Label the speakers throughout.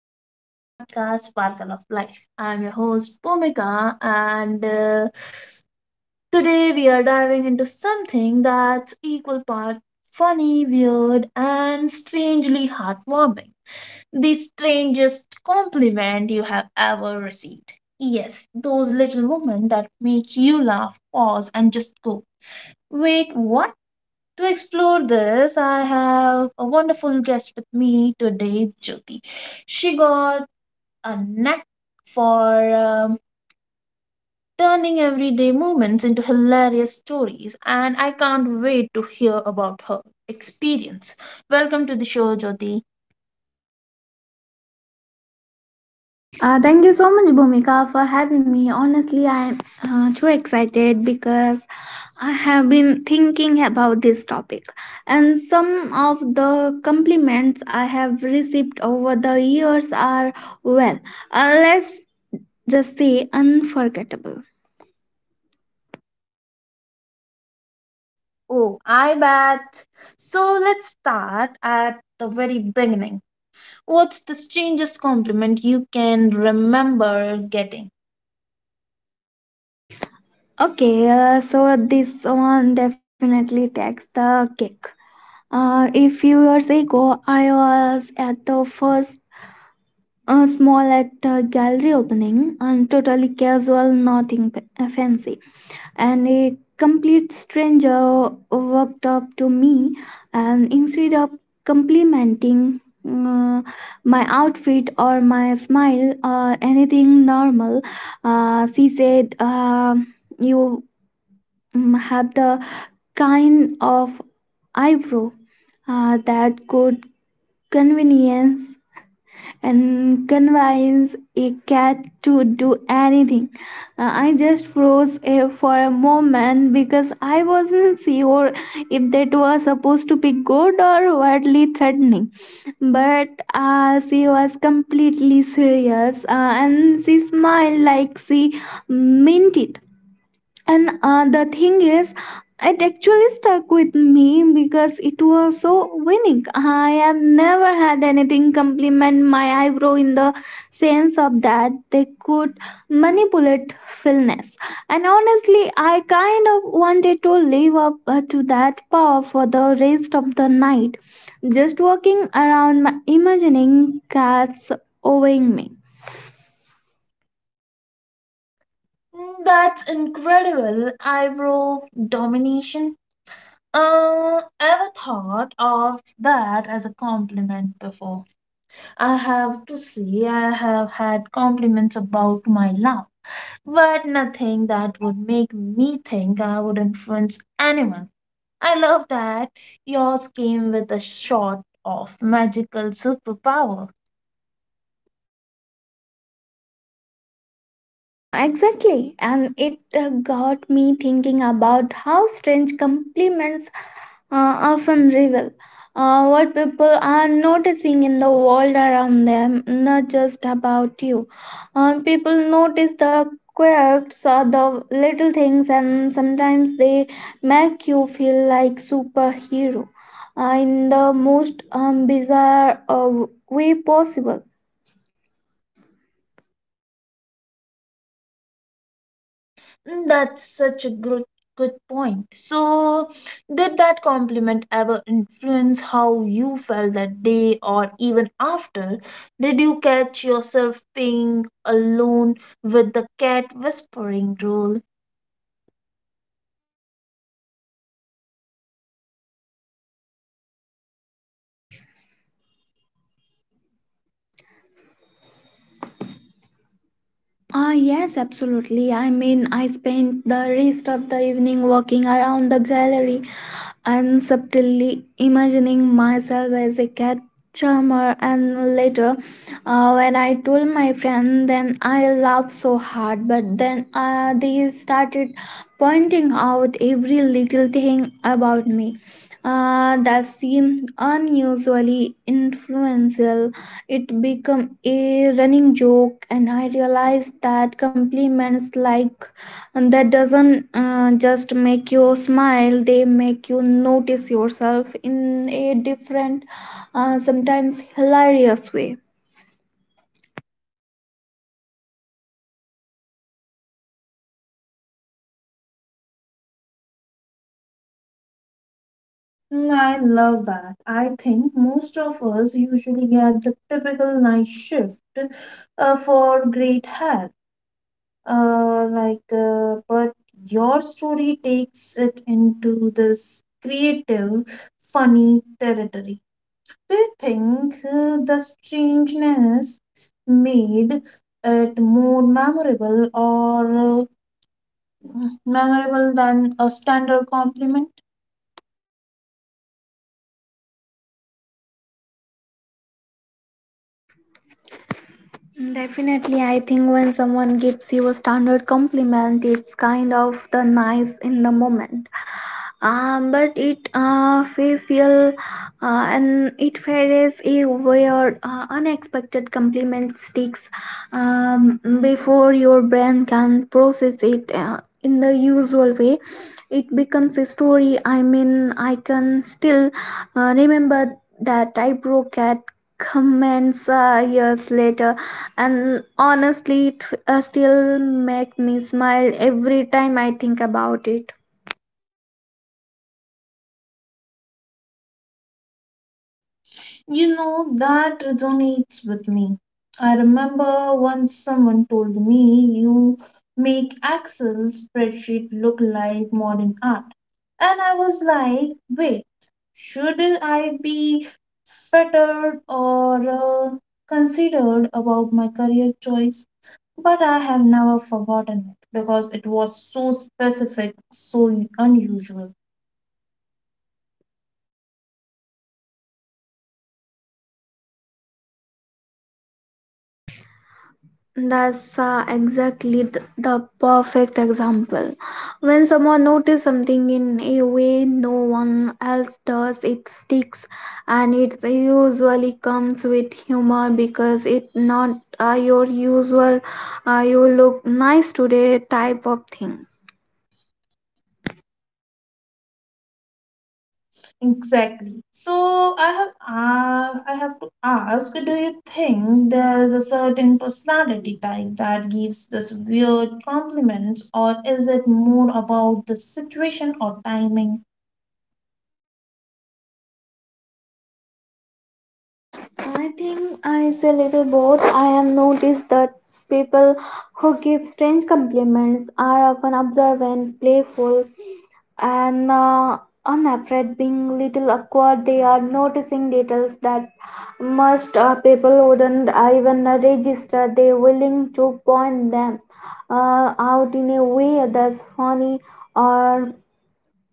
Speaker 1: back to our podcast, Sparkle of Life. I'm your host, Bhumika, and today we are diving into something that's equal part funny, weird, and strangely heartwarming. The strangest compliment you have ever received. Yes, those little moments that make you laugh, pause, and just go, wait, what? To explore this, I have a wonderful guest with me today, Jyoti. She got a knack for turning everyday moments into hilarious stories, and I can't wait to hear about her experience. Welcome to the show, Jyoti.
Speaker 2: Thank you so much, Bhumika, for having me. Honestly, I'm too excited because I have been thinking about this topic, and some of the compliments I have received over the years are, well, let's just say unforgettable.
Speaker 1: Oh, I bet. So let's start at the very beginning. What's the strangest compliment you can remember getting?
Speaker 2: Okay, so this one definitely takes the cake. A few years ago, I was at the first A small at a gallery opening and totally casual, nothing fancy. And a complete stranger walked up to me and instead of complimenting uh, my outfit or my smile or anything normal, she said, "You have the kind of eyebrow that could convenience and convince a cat to do anything." I just froze for a moment because I wasn't sure if that was supposed to be good or wildly threatening. But she was completely serious, and she smiled like she meant it. And the thing is, it actually stuck with me because it was so winning. I have never had anything compliment my eyebrow in the sense of that they could manipulate fullness, and honestly I kind of wanted to live up to that power for the rest of the night, just walking around my imagining cats owing me.
Speaker 1: Mm, that's incredible. Eyebrow domination. Ever thought of that as a compliment before? I have to say, I have had compliments about my laugh, but nothing that would make me think I would influence anyone. I love that yours came with a shot of magical superpower.
Speaker 2: Exactly, and it got me thinking about how strange compliments often reveal what people are noticing in the world around them, not just about you. People notice the quirks or the little things, and sometimes they make you feel like superhero in the most bizarre way possible.
Speaker 1: That's such a good point. So, did that compliment ever influence how you felt that day or even after? Did you catch yourself being alone with the cat whispering role?
Speaker 2: Ah, yes, absolutely. I mean, I spent the rest of the evening walking around the gallery and subtly imagining myself as a cat charmer. And later, when I told my friend, then I laughed so hard. But then they started pointing out every little thing about me that seemed unusually influential. It became a running joke, and I realized that compliments like that doesn't just make you smile, they make you notice yourself in a different, sometimes hilarious way.
Speaker 1: Mm, I love that. I think most of us usually get the typical night shift for great hair. But your story takes it into this creative, funny territory. Do you think the strangeness made it more memorable or memorable than a standard compliment?
Speaker 2: Definitely, I think when someone gives you a standard compliment, it's kind of the nice in the moment. But it, facial, and it fares a weird unexpected compliment sticks, before your brain can process it in the usual way. It becomes a story. I mean, I can still remember that I broke at comments years later, and honestly it still make me smile every time I think about it.
Speaker 1: You know, that resonates with me. I remember once someone told me you make Excel spreadsheet look like modern art. And I was like, wait, should I be fettered or considered about my career choice? But I have never forgotten it because it was so specific, so unusual.
Speaker 2: That's exactly the perfect example. When someone notices something in a way no one else does, it sticks, and it usually comes with humor because it's not your usual you look nice today type of thing.
Speaker 1: Exactly. I have to ask, do you think there's a certain personality type that gives this weird compliments, or is it more about the situation or timing?
Speaker 2: I think I say little both. I have noticed that people who give strange compliments are often observant, playful, and unafraid being little awkward. They are noticing details that most people wouldn't even register. They willing to point them out in a way that's funny or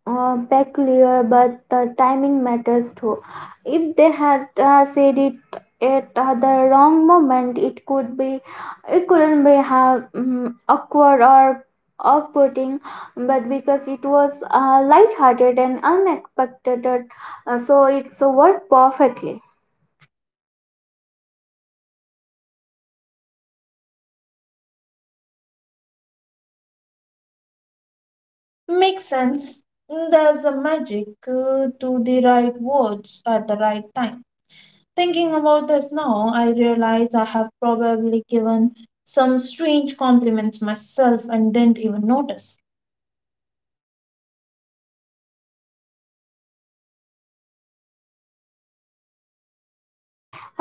Speaker 2: back clear, but the timing matters too. If they had said it at the wrong moment, it could be, it couldn't be have awkward or off-putting, but because it was light-hearted and unexpected, so it's worked perfectly.
Speaker 1: Makes sense. There's a magic to the right words at the right time. Thinking about this now, I realize I have probably given some strange compliments myself and didn't even notice.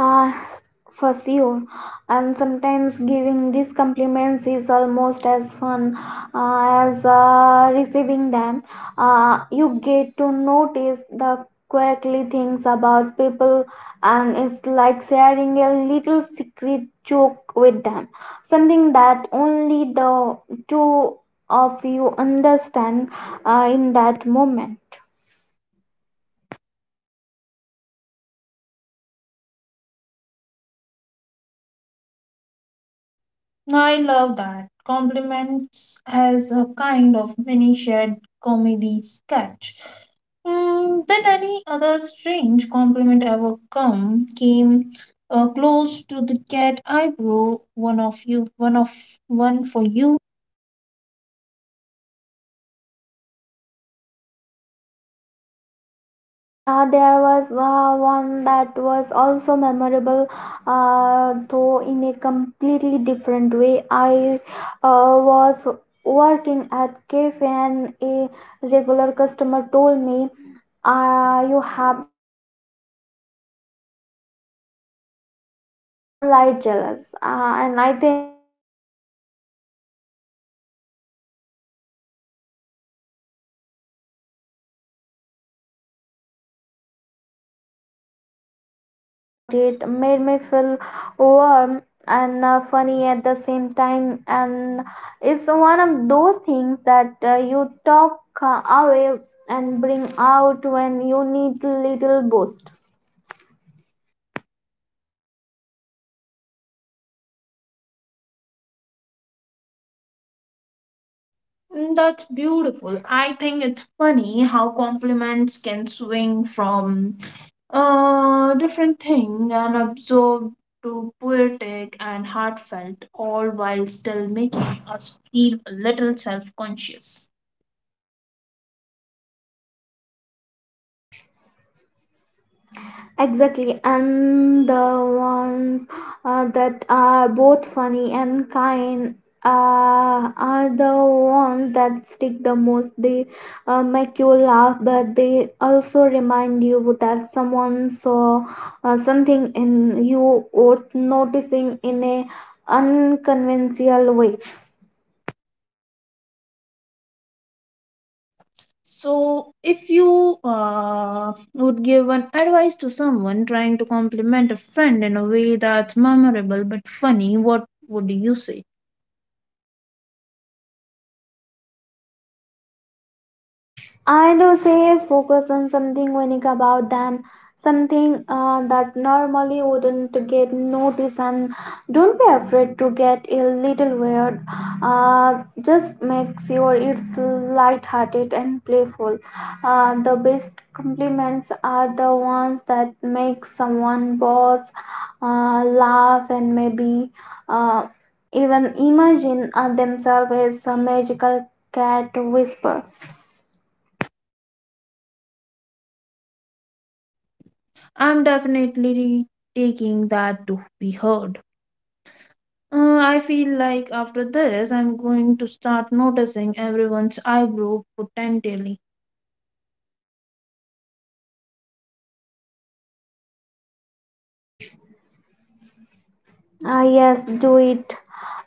Speaker 2: uh, for sure. And sometimes giving these compliments is almost as fun as receiving them. You get to notice the quirky things about people, and it's like sharing a little secret joke with them, something that only the two of you understand in that moment.
Speaker 1: No, I love that. Compliments as a kind of mini shared comedy sketch. Mm, did any other strange compliment ever come came close to the cat eyebrow? One of you, one for you.
Speaker 2: There was one that was also memorable, though in a completely different way. I was working at cafe and a regular customer told me, "You have the kind of love that makes the sunlight jealous." And I think I just smiled and nodded for a second because I, again, it was unexpected, but I couldn't stop thinking about it. Made me feel warm and funny at the same time, and it's one of those things that you talk away and bring out when you need a little boost.
Speaker 1: Mm, that's beautiful. I think it's funny how compliments can swing from a different thing and absorb to poetic and heartfelt, all while still making us feel a little self conscious.
Speaker 2: Exactly, and the ones that are both funny and kind are the ones that stick the most. They make you laugh, but they also remind you that someone saw something in you worth noticing in a unconventional way.
Speaker 1: So, if you would give an advice to someone trying to compliment a friend in a way that's memorable but funny, what would you say?
Speaker 2: I do say focus on something unique about them, something that normally wouldn't get noticed, and don't be afraid to get a little weird. Just make sure it's light-hearted and playful. The best compliments are the ones that make someone pause, laugh, and maybe uh, even imagine themselves as a magical cat whisper.
Speaker 1: I'm definitely taking that to be heard. I feel like after this, I'm going to start noticing everyone's eyebrow potentially.
Speaker 2: Ah, yes, do it.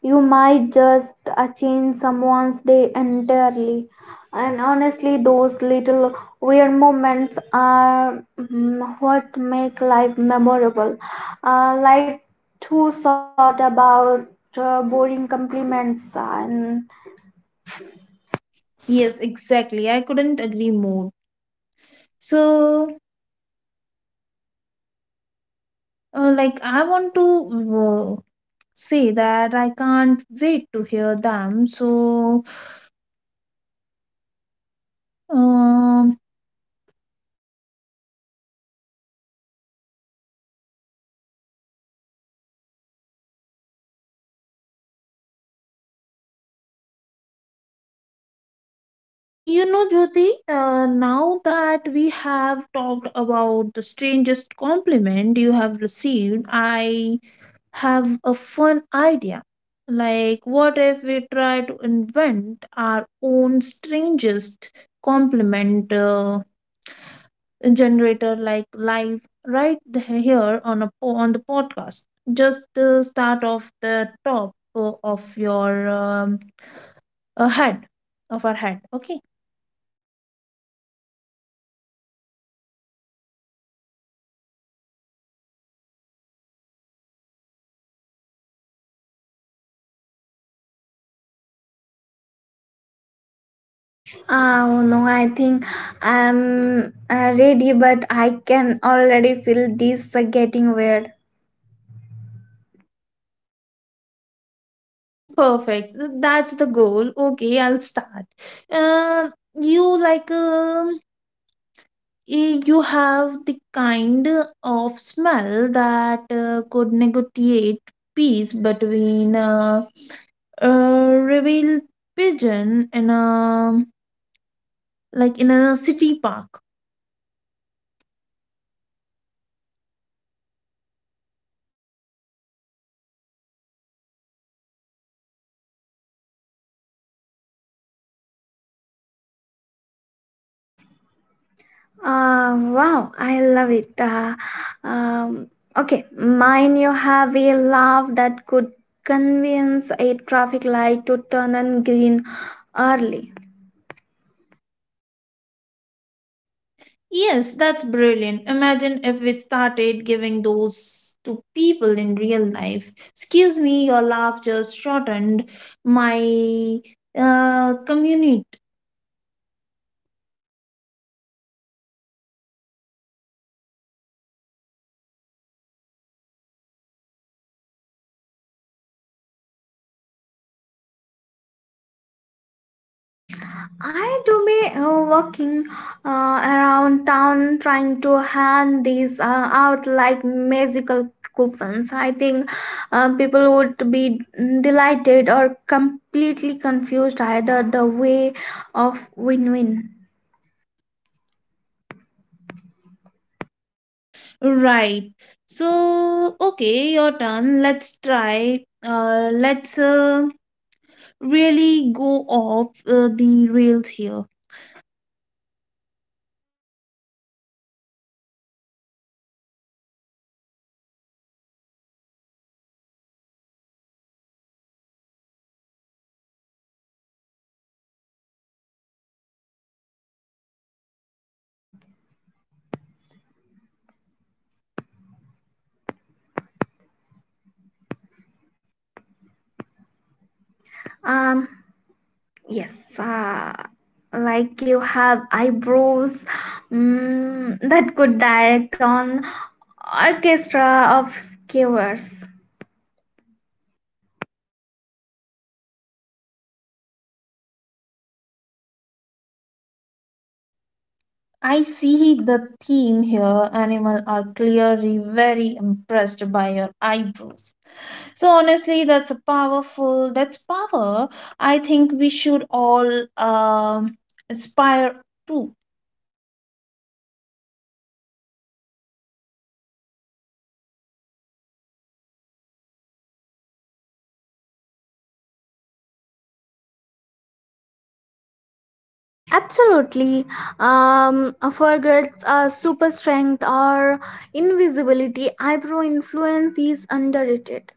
Speaker 2: You might just change someone's day entirely. And honestly, those little weird moments are what make life memorable. Like two thought about boring compliments and
Speaker 1: Yes, exactly. I couldn't agree more. So, I want to uh, say that I can't wait to hear them. So, um, you know, Jyoti, now that we have talked about the strangest compliment you have received, I have a fun idea. Like, what if we try to invent our own strangest complement generator, like live right here on a on the podcast? Just start off the top of your head, of our head. Okay,
Speaker 2: ah, oh no, I think I'm ready, but I can already feel this getting weird.
Speaker 1: perfect. That's the goal. Okay, I'll start. Um, you like um you have the kind of smell that could negotiate peace between a revealed pigeon in a, like in a city park.
Speaker 2: Wow, I love it. Um, okay, mine, you have a love that could convince a traffic light to turn on green early.
Speaker 1: Yes, that's brilliant. Imagine if we started giving those to people in real life. Excuse me, your laugh just shortened my commute.
Speaker 2: I do be walking around town trying to hand these out like magical coupons. I think people would be delighted or completely confused, either the way of win-win.
Speaker 1: Right. So, okay, your turn. Let's try. Let's really go off the rails here.
Speaker 2: Um, Yes, like you have eyebrows that could direct on orchestra of skewers.
Speaker 1: I see the theme here. Animal are clearly very impressed by your eyebrows. So honestly, that's a powerful. That's power. I think we should all aspire to.
Speaker 2: Absolutely. Forgets super strength or invisibility. Eyebrow influence is underrated.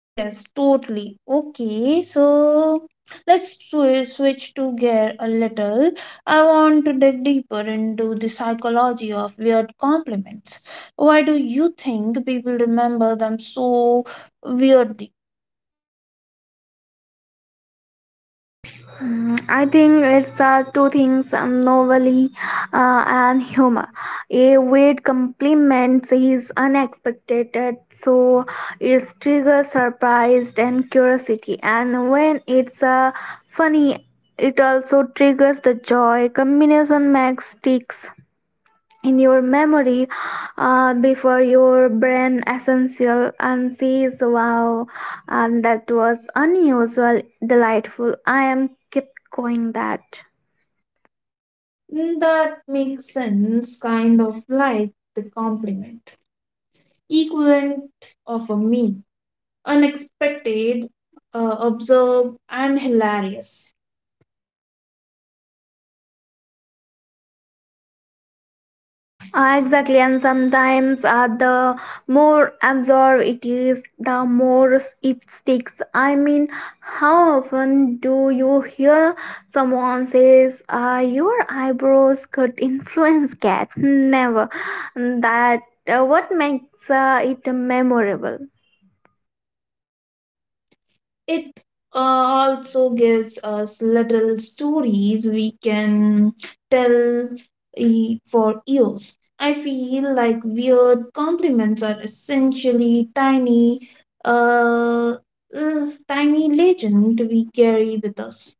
Speaker 1: Yes, totally. Okay, so let's switch to gear a little. I want to dig deeper into the psychology of weird compliments. Why do you think people remember them so weirdly?
Speaker 2: Mm, I think it's two things, novelty and humor. A weird compliments is unexpected, so it triggers surprise and curiosity. And when it's funny, it also triggers the joy. Combination makes sticks in your memory before your brain essential and says wow, and that was unusual delightful, I am keep going that.
Speaker 1: Mm, that makes sense, kind of like the compliment, equivalent of a meme, unexpected, observed, and hilarious.
Speaker 2: Exactly, and sometimes the more absorbed it is, the more it sticks. I mean, how often do you hear someone says, "Your eyebrows could influence cat"? Never. That what makes it memorable.
Speaker 1: It also gives us little stories we can tell for years. I feel like weird compliments are essentially tiny, uh, tiny legend we carry with us.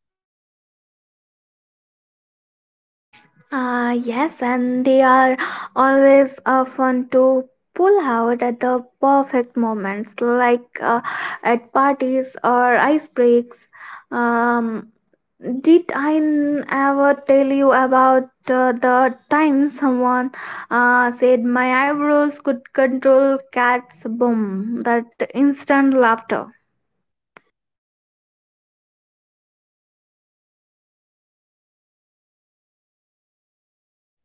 Speaker 2: Ah, yes, and they are always fun to pull out at the perfect moments, like at parties or ice breaks. Um, did I ever tell you about the time someone said my eyebrows could control cats? Boom! That instant laughter.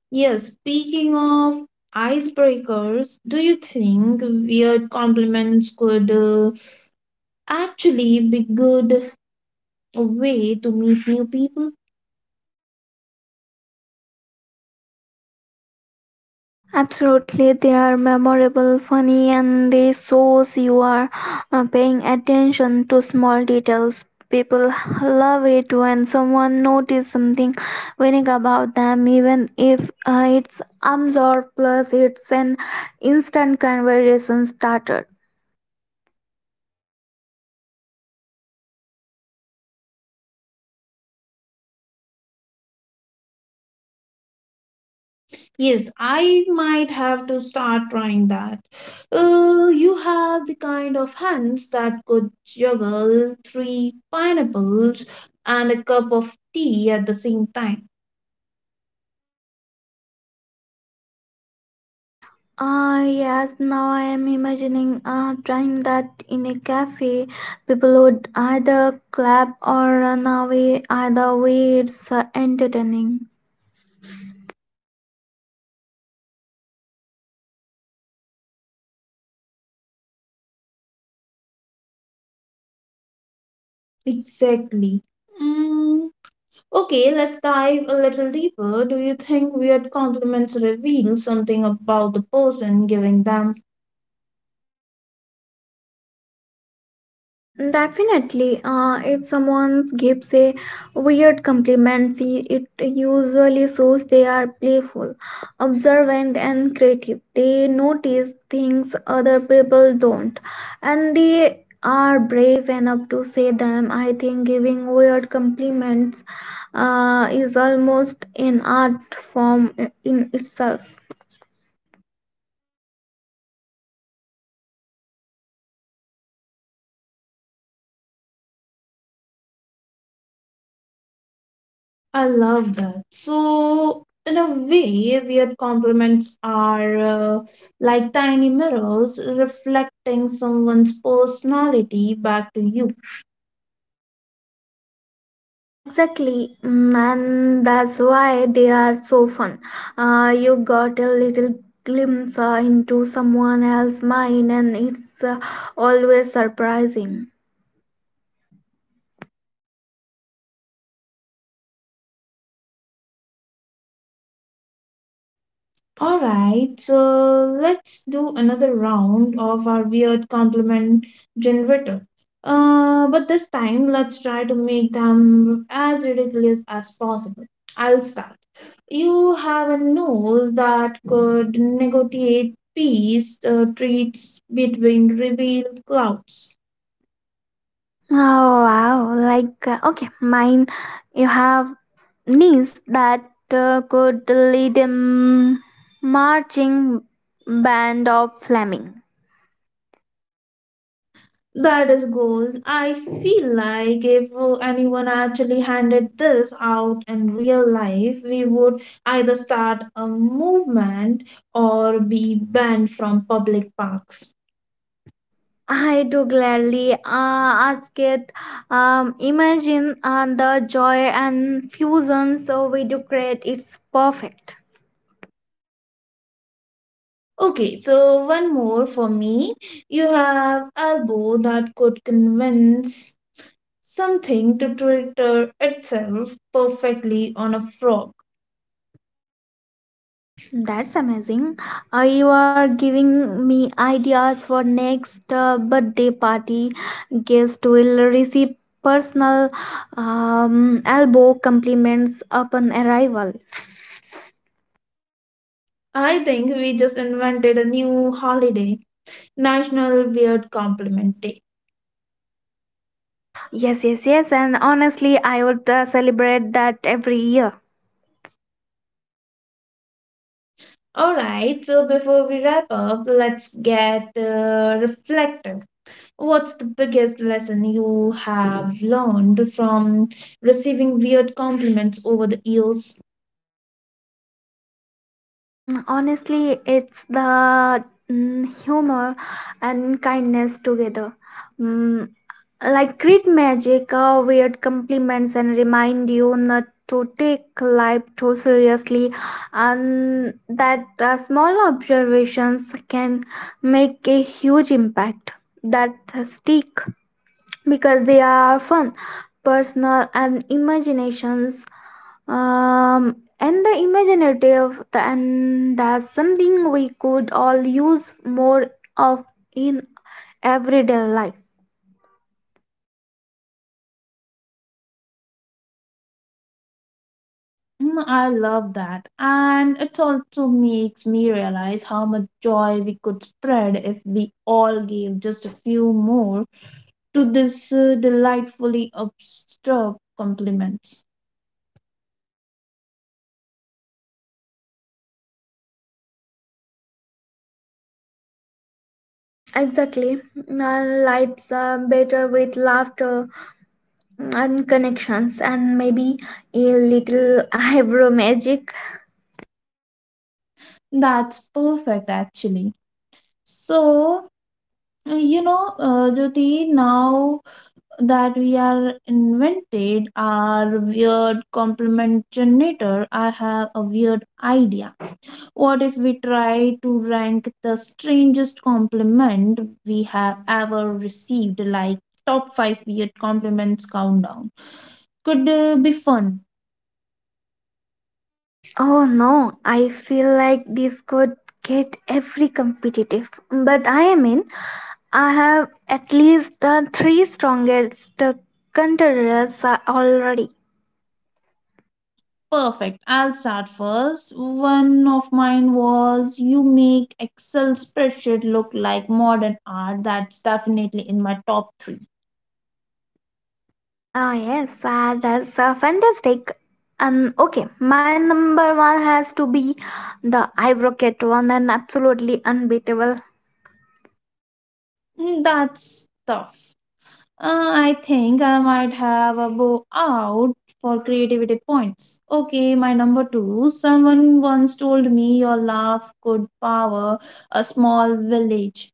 Speaker 1: Yes, speaking of icebreakers, do you think weird compliments could actually be good way to meet new people?
Speaker 2: Absolutely, they are memorable, funny, and they shows you are paying attention to small details. People love it when someone notices something unique about them, even if it's absurd. Plus, it's an instant conversation starter.
Speaker 1: Yes, I might have to start trying that. You have the kind of hands that could juggle three pineapples and a cup of tea at the same time.
Speaker 2: Ah yes, now I am imagining trying that in a cafe. People would either clap or run away. Either way, it's entertaining.
Speaker 1: Exactly. Mm, okay, let's dive a little deeper. Do you think weird compliments reveal something about the person giving them?
Speaker 2: Definitely. If someone gives a weird compliment, see, it usually shows they are playful, observant, and creative. They notice things other people don't, and they are brave enough to say them. I think giving weird compliments is almost an art form in itself.
Speaker 1: I love that. So, in a way, weird compliments are like tiny mirrors reflecting someone's personality back to you.
Speaker 2: Exactly, and that's why they are so fun. You got a little glimpse into someone else's mind, and it's always surprising.
Speaker 1: All right, so let's do another round of our weird compliment generator. But this time, let's try to make them as ridiculous as possible. I'll start. You have a nose that could negotiate peace treats between revealed clouds.
Speaker 2: Oh wow! Okay, mine. You have niece that could lead a marching band of flaming.
Speaker 1: That is gold. I feel like if anyone actually handed this out in real life, we would either start a movement or be banned from public parks.
Speaker 2: I do gladly ask it. Imagine the joy and fusion so we do create. It's perfect.
Speaker 1: Okay, so one more for me. You have elbow that could convince something to Twitter itself perfectly on a frog.
Speaker 2: That's amazing. You are giving me ideas for next birthday party. Guest will receive personal elbow compliments upon arrival.
Speaker 1: I think we just invented a new holiday, National Weird Compliment Day.
Speaker 2: Yes, yes, yes. And honestly, I would celebrate that every year.
Speaker 1: Alright, so before we wrap up, let's get reflective. What's the biggest lesson you have learned from receiving weird compliments over the years?
Speaker 2: Mm, honestly, it's the humor and kindness together. Mm, like great magic, weird compliments, and remind you not to take life too seriously, and that small observations can make a huge impact that stick because they are fun, personal, and imaginations, and the imaginative, and that's something we could all use more of in everyday life.
Speaker 1: Mm, I love that. And it also makes me realize how much joy we could spread if we all gave just a few more to this delightfully abstract compliments.
Speaker 2: Exactly, our lives are better with laughter and connections and maybe a little eyebrow magic.
Speaker 1: That's perfect, actually. So, you know, Jyoti, now that we are invented our weird compliment generator, I have a weird idea. What if we try to rank the strangest compliment we have ever received, like top 5 weird compliments countdown? Could be fun.
Speaker 2: Oh no, I feel like this could get every competitive. But I mean, I have at least the three strongest contenders already.
Speaker 1: Perfect. I'll start first. One of mine was you make Excel spreadsheet look like modern art. That's definitely in my top three.
Speaker 2: Oh yes, that's fantastic. And okay, my number one has to be the Ivroquette one, an absolutely unbeatable.
Speaker 1: Mm, that's tough. I think I might have a bow out for creativity points. Okay, my number two. Someone once told me your laugh could power a small village.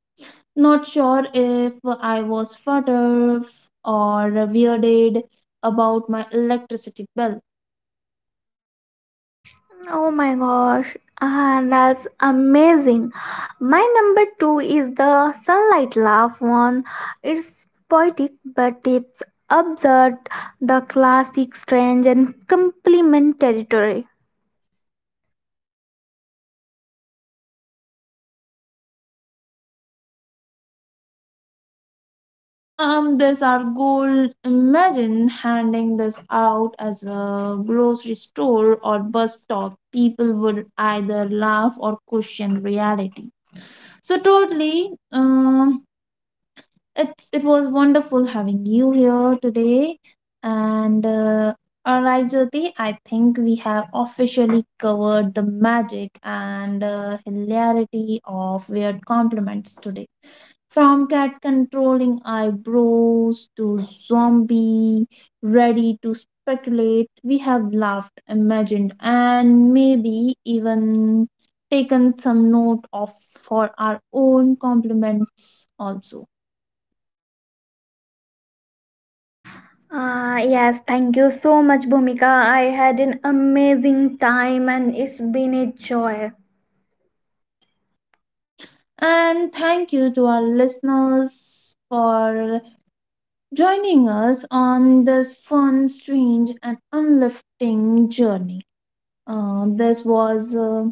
Speaker 1: Not sure if I was flattered or weirded about my electricity bill.
Speaker 2: Oh my gosh, ah, that's amazing. My number two is the sunlight laugh one. It's poetic, but it's absurd, the classic strange and complementary territory.
Speaker 1: There's our goal. Imagine handing this out as a grocery store or bus stop. People would either laugh or question reality. So, totally. It was wonderful having you here today. And all right, Jyoti, I think we have officially covered the magic and hilarity of weird compliments today. From cat controlling eyebrows to zombie ready to speculate, we have laughed, imagined, and maybe even taken some note of for our own compliments also.
Speaker 2: Ah, yes, thank you so much, Bhumika. I had an amazing time and it's been a joy.
Speaker 1: And thank you to our listeners for joining us on this fun, strange, and unlifting journey. Uh, this was uh,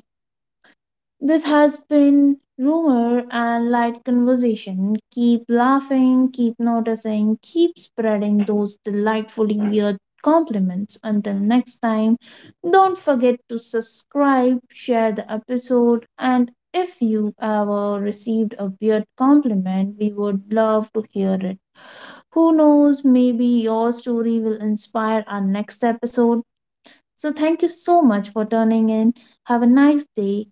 Speaker 1: this has been rumor and light conversation. Keep laughing, keep noticing, keep spreading those delightfully weird compliments. Until next time, don't forget to subscribe, share the episode, and if you ever received a weird compliment, we would love to hear it. Who knows, maybe your story will inspire our next episode. So, thank you so much for tuning in. Have a nice day.